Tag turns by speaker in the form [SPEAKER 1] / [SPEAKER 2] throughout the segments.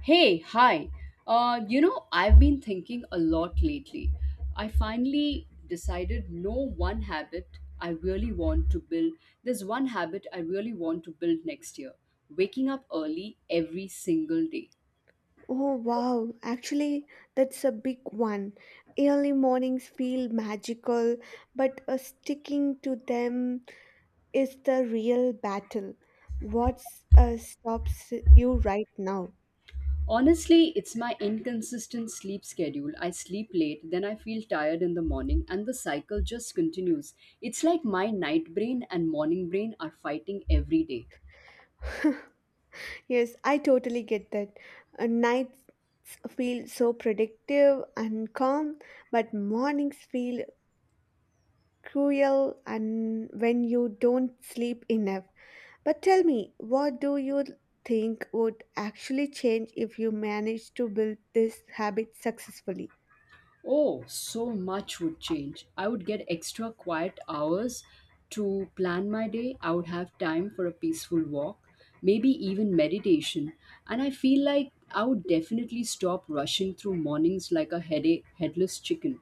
[SPEAKER 1] Hey, hi. I've been thinking a lot lately. I finally decided no one habit I really want to build. There's one habit I really want to build next year, waking up early every single day.
[SPEAKER 2] Oh wow, actually, that's a big one. Early mornings feel magical, but sticking to them is the real battle. What stops you right now?
[SPEAKER 1] Honestly, it's my inconsistent sleep schedule. I sleep late, then I feel tired in the morning, and the cycle just continues. It's like my night brain and morning brain are fighting every day.
[SPEAKER 2] Yes, I totally get that. Nights feel so productive and calm, but mornings feel cruel and when you don't sleep enough. But tell me, what do you think would actually change if you manage to build this habit successfully?
[SPEAKER 1] Oh, so much would change. I would get extra quiet hours to plan my day. I would have time for a peaceful walk, maybe even meditation. And I feel like I would definitely stop rushing through mornings like a headache, headless chicken.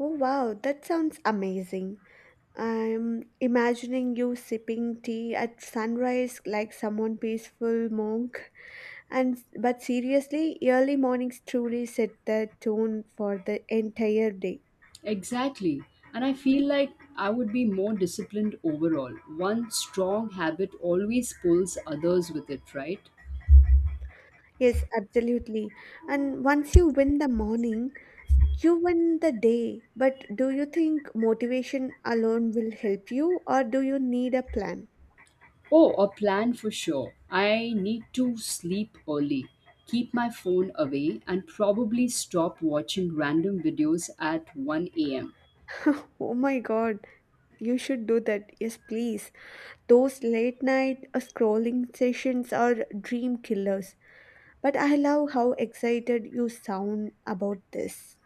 [SPEAKER 2] Oh wow, that sounds amazing. I'm imagining you sipping tea at sunrise like someone peaceful monk. And but seriously, early mornings truly set the tone for the entire day.
[SPEAKER 1] Exactly. And I feel like I would be more disciplined overall. One strong habit always pulls others with it, right?
[SPEAKER 2] Yes, absolutely. And once you win the morning, you win the day, but do you think motivation alone will help you or do you need a plan?
[SPEAKER 1] Oh, a plan for sure. I need to sleep early, keep my phone away, and probably stop watching random videos at 1 a.m.
[SPEAKER 2] Oh my god, you should do that. Yes, please. Those late night scrolling sessions are dream killers. But I love how excited you sound about this.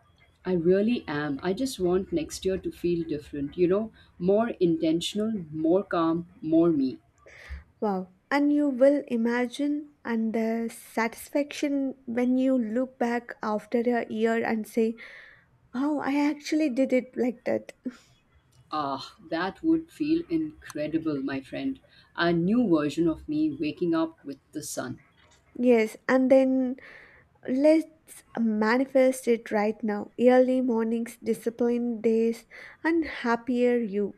[SPEAKER 1] I really am. I just want next year to feel different, you know, more intentional, more calm, more me.
[SPEAKER 2] Wow. And you will imagine and the satisfaction when you look back after a year and say, wow, I actually did it like that.
[SPEAKER 1] Ah, that would feel incredible, my friend. A new version of me waking up with the sun.
[SPEAKER 2] Yes, and then let's manifest it right now. Early mornings, disciplined days, and happier you.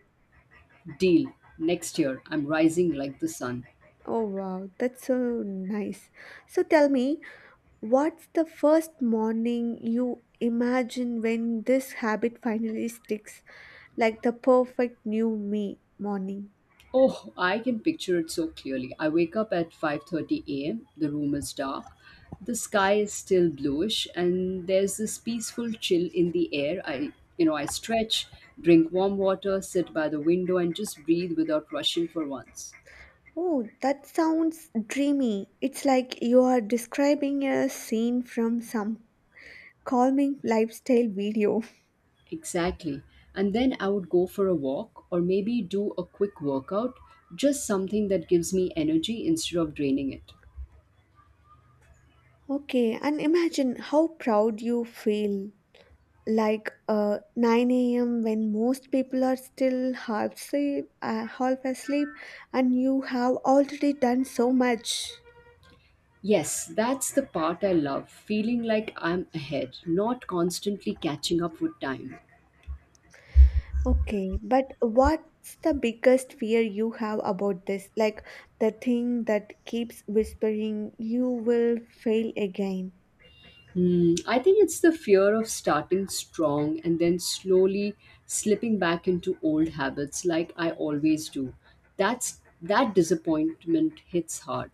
[SPEAKER 1] Deal. Next year, I'm rising like the sun.
[SPEAKER 2] Oh wow, that's so nice. So tell me, what's the first morning you imagine when this habit finally sticks, like the perfect new me morning?
[SPEAKER 1] Oh, I can picture it so clearly. I wake up at 5:30 a.m. The room is dark. The sky is still bluish and there's this peaceful chill in the air. I stretch, drink warm water, sit by the window and just breathe without rushing for once.
[SPEAKER 2] Oh, that sounds dreamy. It's like you are describing a scene from some calming lifestyle video.
[SPEAKER 1] Exactly. And then I would go for a walk or maybe do a quick workout, just something that gives me energy instead of draining it.
[SPEAKER 2] Okay, and imagine how proud you feel like 9 a.m. when most people are still half asleep and you have already done so much.
[SPEAKER 1] Yes, that's the part I love, feeling like I'm ahead, not constantly catching up with time.
[SPEAKER 2] Okay, but what's the biggest fear you have about this? Like the thing that keeps whispering you will fail again.
[SPEAKER 1] Hmm, I think it's the fear of starting strong and then slowly slipping back into old habits like I always do. That's that disappointment hits hard.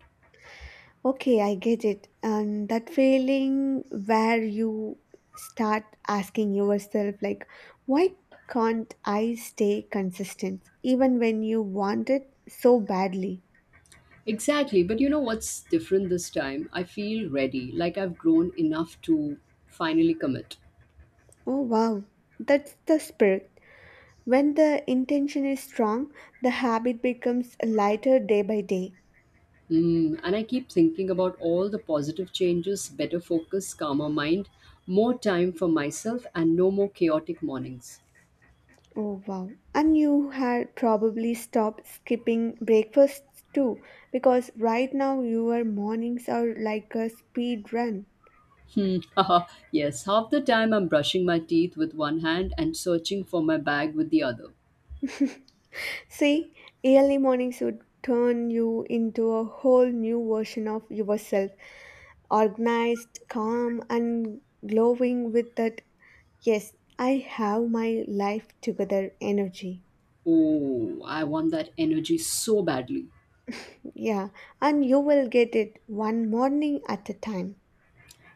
[SPEAKER 2] Okay, I get it. And that feeling where you start asking yourself, like, why can't I stay consistent even when you want it so badly?
[SPEAKER 1] Exactly, but you know what's different this time? I feel ready, like I've grown enough to finally commit.
[SPEAKER 2] Oh, wow. That's the spirit. When the intention is strong, the habit becomes lighter day by day.
[SPEAKER 1] Mm, and I keep thinking about all the positive changes, better focus, calmer mind, more time for myself, and no more chaotic mornings.
[SPEAKER 2] Oh, wow. And you had probably stopped skipping breakfasts too, because right now your mornings are like a speed run.
[SPEAKER 1] Hmm. Yes, half the time I'm brushing my teeth with one hand and searching for my bag with the other.
[SPEAKER 2] See, early mornings would turn you into a whole new version of yourself, organized, calm, and glowing with that, yes, I have my life together energy.
[SPEAKER 1] Oh, I want that energy so badly.
[SPEAKER 2] Yeah, and you will get it one morning at a time.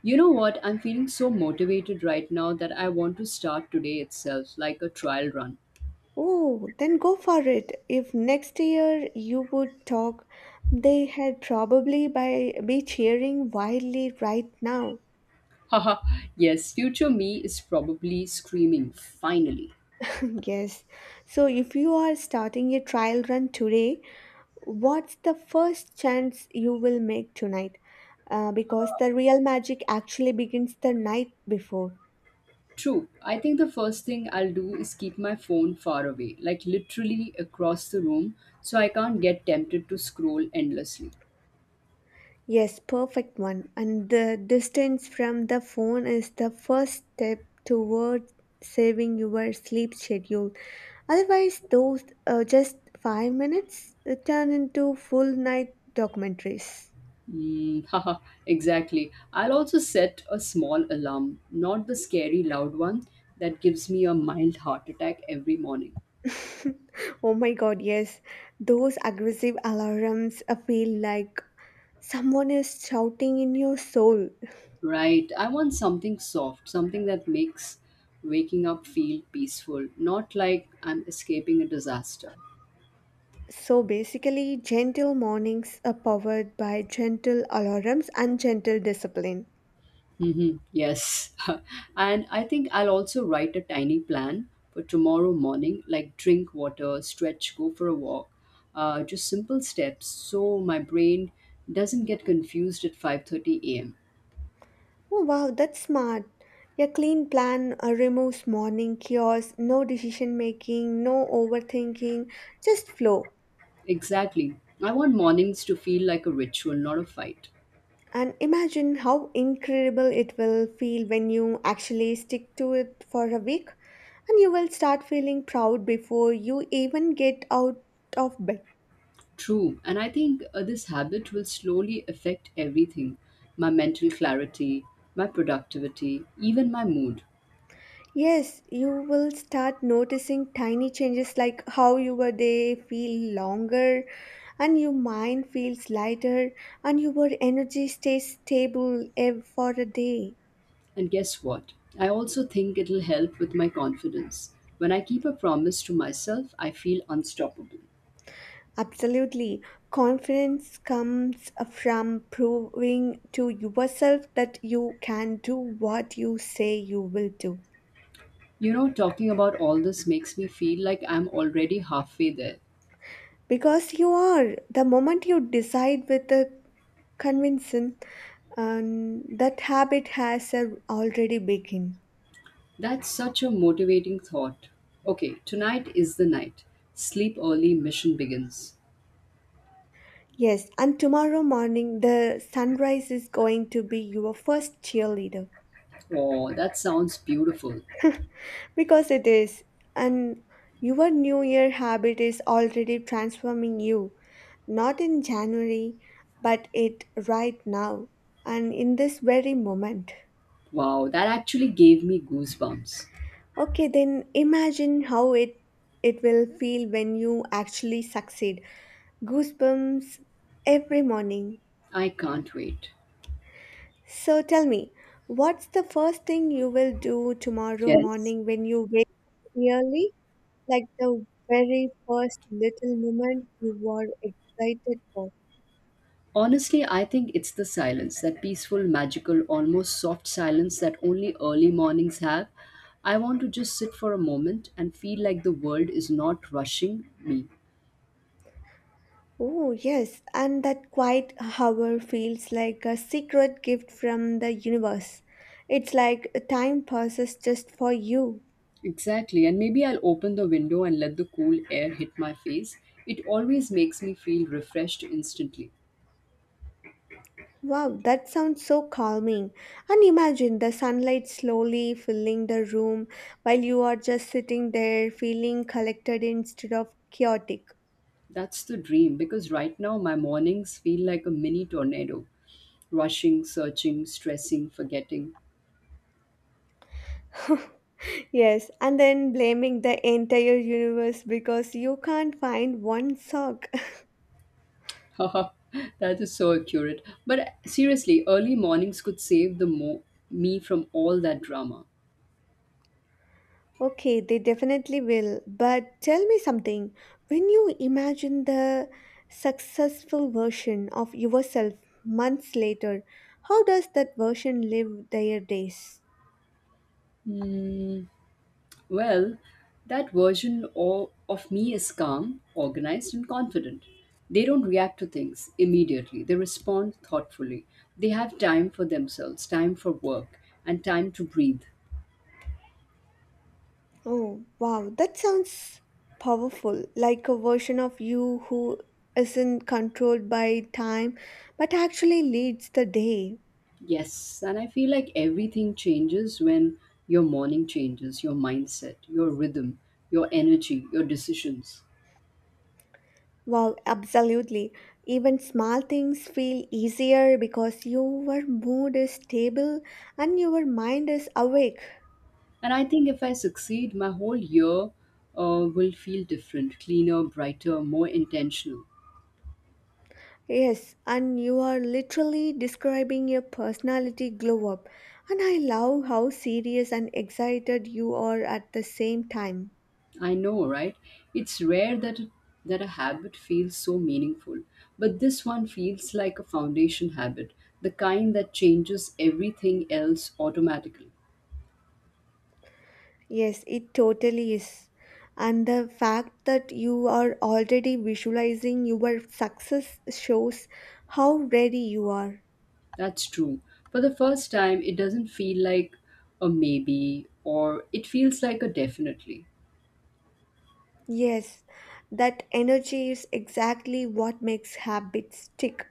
[SPEAKER 1] You know what? I'm feeling so motivated right now that I want to start today itself, like a trial run.
[SPEAKER 2] Oh, then go for it. If next year you would talk, they had probably be cheering wildly right now.
[SPEAKER 1] Haha, yes, future me is probably screaming, finally.
[SPEAKER 2] Yes. So if you are starting a trial run today, what's the first chance you will make tonight? Because the real magic actually begins the night before.
[SPEAKER 1] True. I think the first thing I'll do is keep my phone far away, like literally across the room, so I can't get tempted to scroll endlessly.
[SPEAKER 2] Yes, perfect one. And the distance from the phone is the first step towards saving your sleep schedule. Otherwise, those just 5 minutes turn into full night documentaries.
[SPEAKER 1] Mm, exactly. I'll also set a small alarm, not the scary loud one that gives me a mild heart attack every morning.
[SPEAKER 2] Oh my god, yes. Those aggressive alarms feel like someone is shouting in your soul.
[SPEAKER 1] Right. I want something soft, something that makes waking up feel peaceful, not like I'm escaping a disaster.
[SPEAKER 2] So basically, gentle mornings are powered by gentle alarms and gentle discipline.
[SPEAKER 1] Mm-hmm. Yes. And I think I'll also write a tiny plan for tomorrow morning, like drink water, stretch, go for a walk. Just simple steps so my brain doesn't get confused at 5:30 a.m.
[SPEAKER 2] Oh wow, that's smart. Your clean plan removes morning chaos, no decision making, no overthinking, just flow.
[SPEAKER 1] Exactly. I want mornings to feel like a ritual, not a fight.
[SPEAKER 2] And imagine how incredible it will feel when you actually stick to it for a week, and you will start feeling proud before you even get out of bed.
[SPEAKER 1] True. And I think this habit will slowly affect everything, my mental clarity, my productivity, even my mood.
[SPEAKER 2] Yes, you will start noticing tiny changes like how your day feel longer and your mind feels lighter and your energy stays stable for a day.
[SPEAKER 1] And guess what? I also think it'll help with my confidence. When I keep a promise to myself, I feel unstoppable.
[SPEAKER 2] Absolutely. Confidence comes from proving to yourself that you can do what you say you will do.
[SPEAKER 1] You know, talking about all this makes me feel like I'm already halfway there.
[SPEAKER 2] Because you are. The moment you decide with a conviction, that habit has already begun.
[SPEAKER 1] That's such a motivating thought. Okay, tonight is the night. Sleep early, mission begins.
[SPEAKER 2] Yes, and tomorrow morning the sunrise is going to be your first cheerleader.
[SPEAKER 1] Oh, that sounds beautiful.
[SPEAKER 2] Because it is, and your New Year habit is already transforming you, not in January, but it right now and in this very moment.
[SPEAKER 1] Wow, that actually gave me goosebumps.
[SPEAKER 2] Okay, then imagine how it will feel when you actually succeed. Goosebumps every morning.
[SPEAKER 1] I can't wait.
[SPEAKER 2] So tell me, what's the first thing you will do tomorrow
[SPEAKER 1] Yes.
[SPEAKER 2] morning when you wake up early? Like the very first little moment you were excited for.
[SPEAKER 1] Honestly, I think it's the silence, that peaceful, magical, almost soft silence that only early mornings have. I want to just sit for a moment and feel like the world is not rushing me.
[SPEAKER 2] Oh, yes, and that quiet hour feels like a secret gift from the universe. It's like time passes just for you.
[SPEAKER 1] Exactly, and maybe I'll open the window and let the cool air hit my face. It always makes me feel refreshed instantly.
[SPEAKER 2] Wow, that sounds so calming. And imagine the sunlight slowly filling the room while you are just sitting there feeling collected instead of chaotic.
[SPEAKER 1] That's the dream because right now my mornings feel like a mini tornado, rushing, searching, stressing, forgetting.
[SPEAKER 2] Yes, and then blaming the entire universe because you can't find one sock.
[SPEAKER 1] Haha, that is so accurate. But seriously, early mornings could save the me from all that drama.
[SPEAKER 2] Okay, they definitely will. But tell me something. When you imagine the successful version of yourself months later, how does that version live their days?
[SPEAKER 1] Hmm. Well, that version of me is calm, organized, and confident. They don't react to things immediately, they respond thoughtfully. They have time for themselves, time for work, and time to breathe.
[SPEAKER 2] Oh, wow, that sounds powerful. Like a version of you who isn't controlled by time but actually leads the day.
[SPEAKER 1] Yes, and I feel like everything changes when your morning changes, your mindset, your rhythm, your energy, your decisions.
[SPEAKER 2] Wow, absolutely. Even small things feel easier because your mood is stable and your mind is awake.
[SPEAKER 1] And I think if I succeed, my whole year will feel different, cleaner, brighter, more intentional.
[SPEAKER 2] Yes, and you are literally describing your personality glow up. And I love how serious and excited you are at the same time.
[SPEAKER 1] I know, right? It's rare that a habit feels so meaningful, but this one feels like a foundation habit, the kind that changes everything else automatically.
[SPEAKER 2] Yes, it totally is. And the fact that you are already visualizing your success shows how ready you are.
[SPEAKER 1] That's true. For the first time, it doesn't feel like a maybe or it feels like a definitely.
[SPEAKER 2] Yes, that energy is exactly what makes habits stick.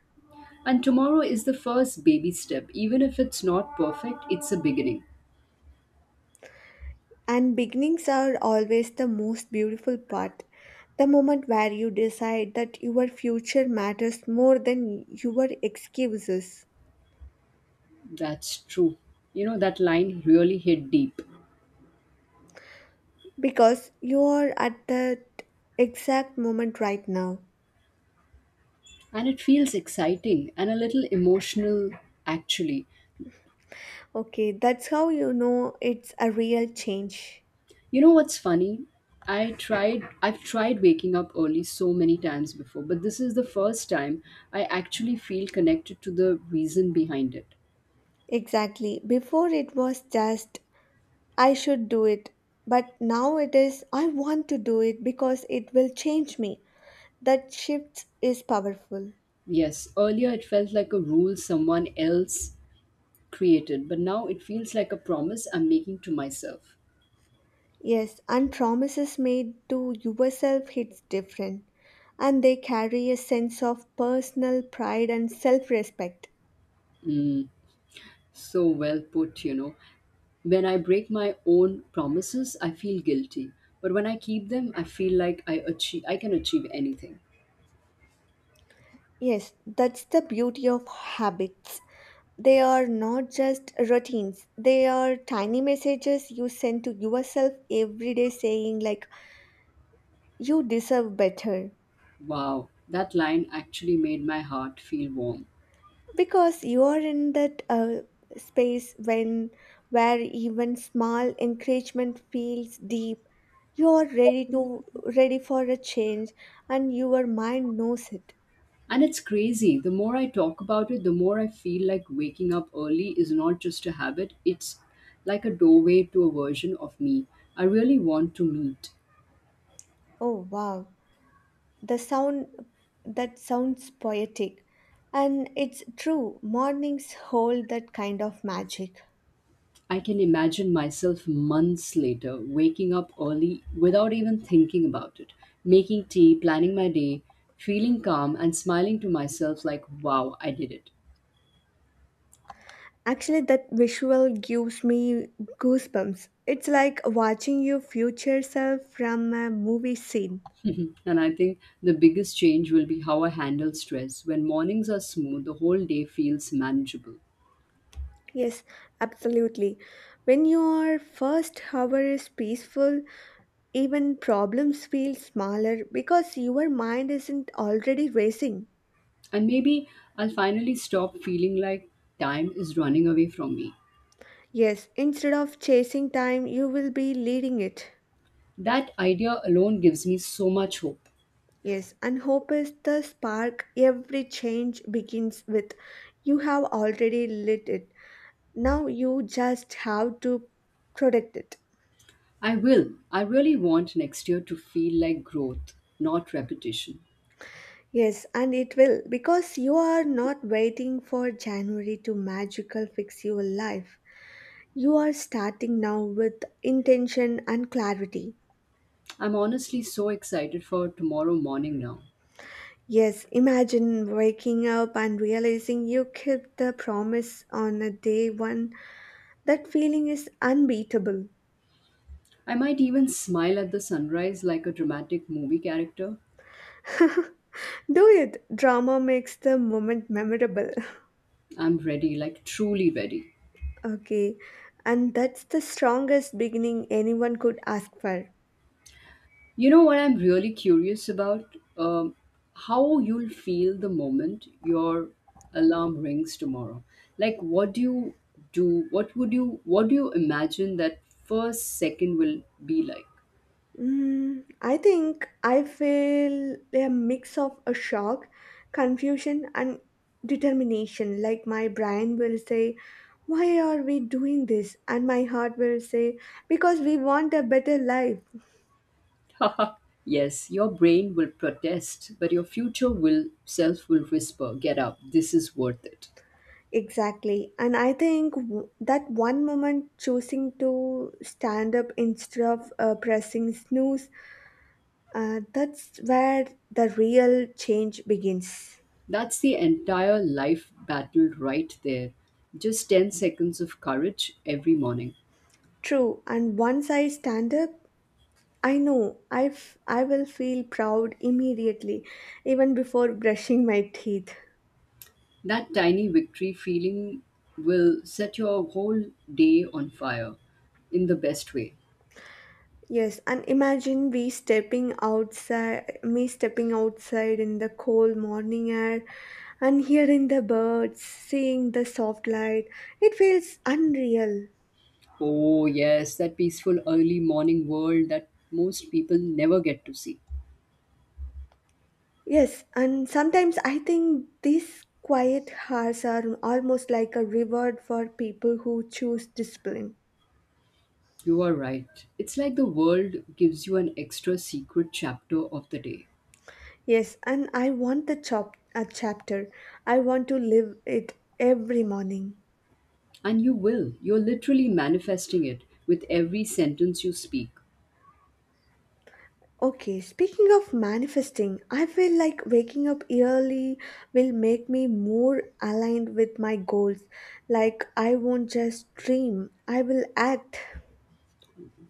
[SPEAKER 1] And tomorrow is the first baby step. Even if it's not perfect, it's a beginning.
[SPEAKER 2] And beginnings are always the most beautiful part. The moment where you decide that your future matters more than your excuses.
[SPEAKER 1] That's true. You know, that line really hit deep.
[SPEAKER 2] Because you are at that exact moment right now.
[SPEAKER 1] And it feels exciting and a little emotional, actually.
[SPEAKER 2] Okay, that's how you know it's a real change.
[SPEAKER 1] You know what's funny? I've tried waking up early so many times before, but this is the first time I actually feel connected to the reason behind it.
[SPEAKER 2] Exactly. Before it was just I should do it. But now it is, I want to do it because it will change me. That shift is powerful.
[SPEAKER 1] Yes, earlier it felt like a rule someone else created, but now it feels like a promise I'm making to myself.
[SPEAKER 2] Yes, and promises made to yourself hits different, and they carry a sense of personal pride and self respect.
[SPEAKER 1] Mm, so well put, you know. When I break my own promises, I feel guilty. But when I keep them, I feel like I can achieve anything.
[SPEAKER 2] Yes, that's the beauty of habits. They are not just routines, they are tiny messages you send to yourself every day saying, like, you deserve better.
[SPEAKER 1] Wow, that line actually made my heart feel warm.
[SPEAKER 2] Because you are in that space when where even small encouragement feels deep, you are ready for a change and your mind knows it.
[SPEAKER 1] And it's crazy. The more I talk about it, the more I feel like waking up early is not just a habit, it's like a doorway to a version of me I really want to meet.
[SPEAKER 2] Oh wow, the sound that sounds poetic, and it's true, mornings hold that kind of magic.
[SPEAKER 1] I can imagine myself months later waking up early without even thinking about it, making tea, planning my day, feeling calm, and smiling to myself like, wow, I did it.
[SPEAKER 2] Actually, that visual gives me goosebumps, it's like watching your future self from a movie scene.
[SPEAKER 1] And I think the biggest change will be how I handle stress. When mornings are smooth, the whole day feels manageable.
[SPEAKER 2] Yes, absolutely. When your first hour is peaceful, even problems feel smaller because your mind isn't already racing.
[SPEAKER 1] And maybe I'll finally stop feeling like time is running away from me.
[SPEAKER 2] Yes, instead of chasing time, you will be leading it.
[SPEAKER 1] That idea alone gives me so much hope.
[SPEAKER 2] Yes, and hope is the spark. Every change begins with you. Have already lit it. Now you just have to protect it.
[SPEAKER 1] I will. I really want next year to feel like growth, not repetition.
[SPEAKER 2] Yes, and it will because you are not waiting for January to magical fix your life. You are starting now with intention and clarity.
[SPEAKER 1] I'm honestly so excited for tomorrow morning now.
[SPEAKER 2] Yes, imagine waking up and realizing you kept the promise on a day one. That feeling is unbeatable.
[SPEAKER 1] I might even smile at the sunrise like a dramatic movie character.
[SPEAKER 2] Do it. Drama makes the moment memorable.
[SPEAKER 1] I'm ready, like truly ready.
[SPEAKER 2] Okay, and that's the strongest beginning anyone could ask for.
[SPEAKER 1] You know what I'm really curious about? How you'll feel the moment your alarm rings tomorrow. Like, what do you do? What would you? What do you imagine that first second will be like?
[SPEAKER 2] Mm, I think I feel a mix of a shock, confusion, and determination. Like my brain will say, why are we doing this? And my heart will say, because we want a better life.
[SPEAKER 1] Yes, your brain will protest, but your future will self will whisper, "Get up. This is worth it."
[SPEAKER 2] Exactly. And I think that one moment choosing to stand up instead of pressing snooze, that's where the real change begins.
[SPEAKER 1] That's the entire life battle right there. Just 10 seconds of courage every morning.
[SPEAKER 2] True. And once I stand up, I know I will feel proud immediately, even before brushing my teeth.
[SPEAKER 1] That tiny victory feeling will set your whole day on fire in the best way.
[SPEAKER 2] Yes, and imagine me stepping outside in the cold morning air and hearing the birds, seeing the soft light. It feels unreal.
[SPEAKER 1] Oh, yes, that peaceful early morning world that most people never get to see.
[SPEAKER 2] Yes, and sometimes I think these quiet hours are almost like a reward for people who choose discipline.
[SPEAKER 1] You are right. It's like the world gives you an extra secret chapter of the day.
[SPEAKER 2] Yes, and I want the chop a chapter. I want to live it every morning.
[SPEAKER 1] And you will. You're literally manifesting it with every sentence you speak.
[SPEAKER 2] Okay, speaking of manifesting, I feel like waking up early will make me more aligned with my goals. Like I won't just dream, I will act.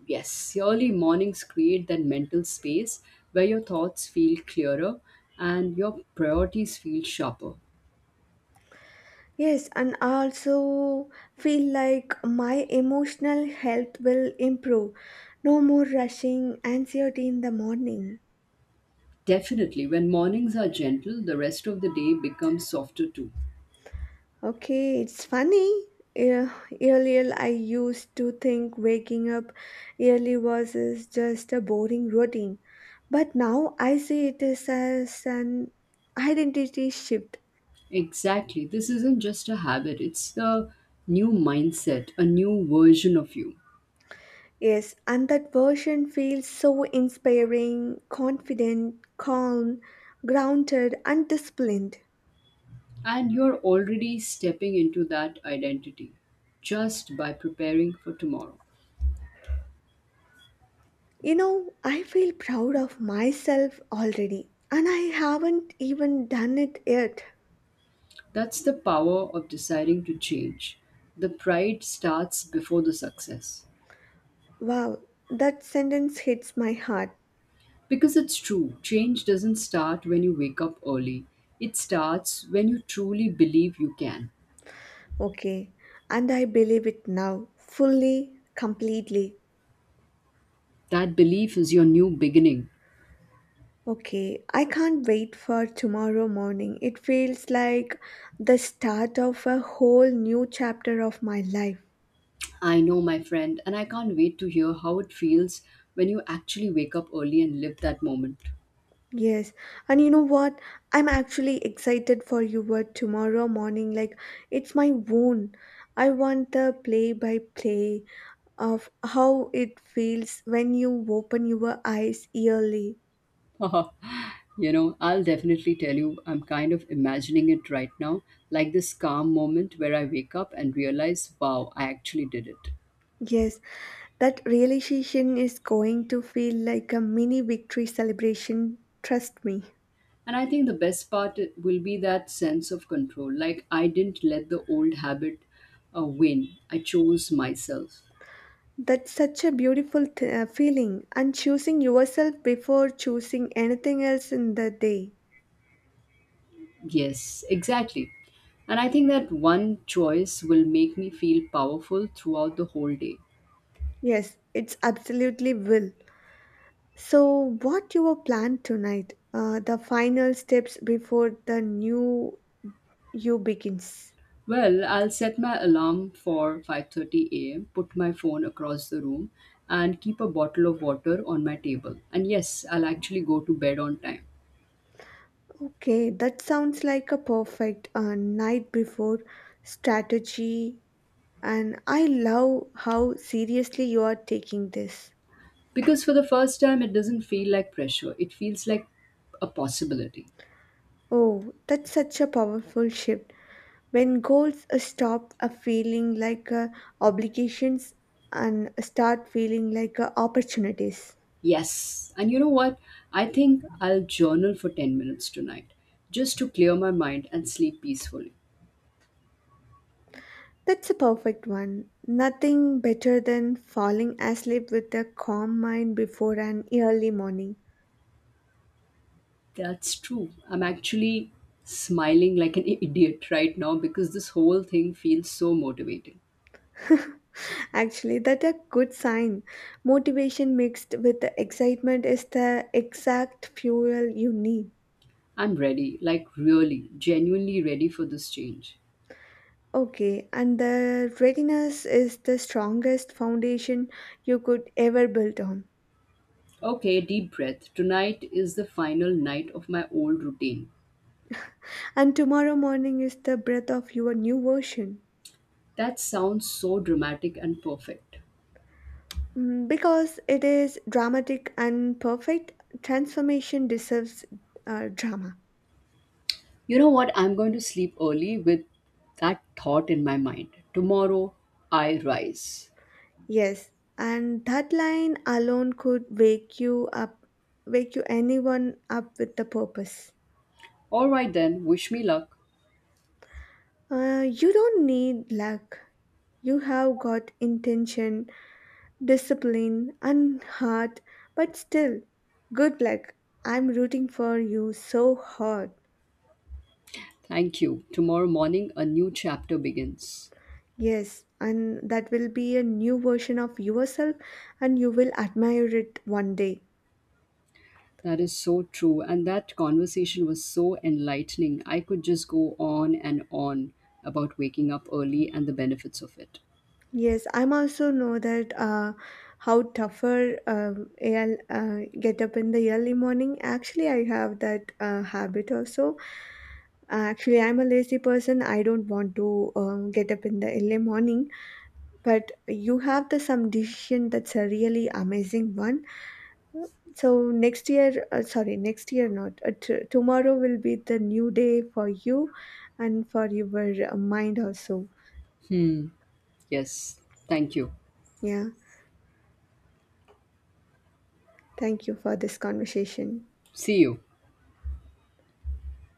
[SPEAKER 1] Yes, early mornings create that mental space where your thoughts feel clearer and your priorities feel sharper.
[SPEAKER 2] Yes, and I also feel like my emotional health will improve. No more rushing anxiety in the morning.
[SPEAKER 1] Definitely, when mornings are gentle, the rest of the day becomes softer too.
[SPEAKER 2] Okay, it's funny. Eh, Earlier, I used to think waking up early was is just a boring routine, but now I see it is as an identity shift.
[SPEAKER 1] Exactly. This isn't just a habit, it's the new mindset, a new version of you.
[SPEAKER 2] Yes, and that version feels so inspiring, confident, calm, grounded, and disciplined.
[SPEAKER 1] And you're already stepping into that identity just by preparing for tomorrow.
[SPEAKER 2] You know, I feel proud of myself already, and I haven't even done it yet.
[SPEAKER 1] That's the power of deciding to change. The pride starts before the success.
[SPEAKER 2] Wow, that sentence hits my heart.
[SPEAKER 1] Because it's true, change doesn't start when you wake up early, it starts when you truly believe you can.
[SPEAKER 2] Okay, and I believe it now, fully, completely.
[SPEAKER 1] That belief is your new beginning.
[SPEAKER 2] Okay, I can't wait for tomorrow morning. It feels like the start of a whole new chapter of my life.
[SPEAKER 1] I know, my friend, and I can't wait to hear how it feels when you actually wake up early and live that moment.
[SPEAKER 2] Yes, and you know what? I'm actually excited for your tomorrow morning. Like, it's my own. I want the play by play of how it feels when you open your eyes early.
[SPEAKER 1] You know, I'll definitely tell you, I'm kind of imagining it right now, like this calm moment where I wake up and realize, wow, I actually did it.
[SPEAKER 2] Yes, that realization is going to feel like a mini victory celebration, trust me.
[SPEAKER 1] And I think the best part will be that sense of control. Like, I didn't let the old habit win, I chose myself.
[SPEAKER 2] That's such a beautiful feeling, and choosing yourself before choosing anything else in the day.
[SPEAKER 1] Yes, exactly. And I think that one choice will make me feel powerful throughout the whole day.
[SPEAKER 2] Yes, it's absolutely will. So, what your plan tonight? The final steps before the new you begins.
[SPEAKER 1] Well, I'll set my alarm for 5:30 a.m., put my phone across the room, and keep a bottle of water on my table. And yes, I'll actually go to bed on time.
[SPEAKER 2] Okay, that sounds like a perfect night before strategy. And I love how seriously you are taking this.
[SPEAKER 1] Because for the first time it doesn't feel like pressure. It feels like a possibility.
[SPEAKER 2] Oh, that's such a powerful shift. When goals stop feeling like obligations and start feeling like opportunities.
[SPEAKER 1] Yes. And you know what? I think I'll journal for 10 minutes tonight just to clear my mind and sleep peacefully.
[SPEAKER 2] That's a perfect one. Nothing better than falling asleep with a calm mind before an early morning.
[SPEAKER 1] That's true. I'm actually smiling like an idiot right now because this whole thing feels so motivating.
[SPEAKER 2] Actually, that's a good sign. Motivation mixed with the excitement is the exact fuel you need.
[SPEAKER 1] I'm ready, like really, genuinely ready for this change.
[SPEAKER 2] Okay, and the readiness is the strongest foundation you could ever build on.
[SPEAKER 1] Okay, deep breath. Tonight is the final night of my old routine.
[SPEAKER 2] And tomorrow morning is the breath of your new version.
[SPEAKER 1] That sounds so dramatic and perfect.
[SPEAKER 2] Mm, because it is dramatic and perfect, transformation deserves drama.
[SPEAKER 1] You know what? I'm going to sleep early with that thought in my mind. Tomorrow, I rise.
[SPEAKER 2] Yes, and that line alone could wake you up, wake you anyone up with the purpose.
[SPEAKER 1] All right then, wish me luck.
[SPEAKER 2] You don't need luck. You have got intention, discipline and heart, but still, good luck. I'm rooting for you so hard.
[SPEAKER 1] Thank you. Tomorrow morning, a new chapter begins.
[SPEAKER 2] Yes, and that will be a new version of yourself, and you will admire it one day.
[SPEAKER 1] That is so true. And that conversation was so enlightening. I could just go on and on about waking up early and the benefits of it.
[SPEAKER 2] Yes, I'm also know that how tougher get up in the early morning. Actually, I have that habit also. Actually, I'm a lazy person. I don't want to get up in the early morning. But you have the some decision, that's a really amazing one. So next year, sorry, next year not. T- tomorrow will be the new day for you and for your mind also.
[SPEAKER 1] Yes. Thank you.
[SPEAKER 2] Yeah. Thank you for this conversation.
[SPEAKER 1] See you.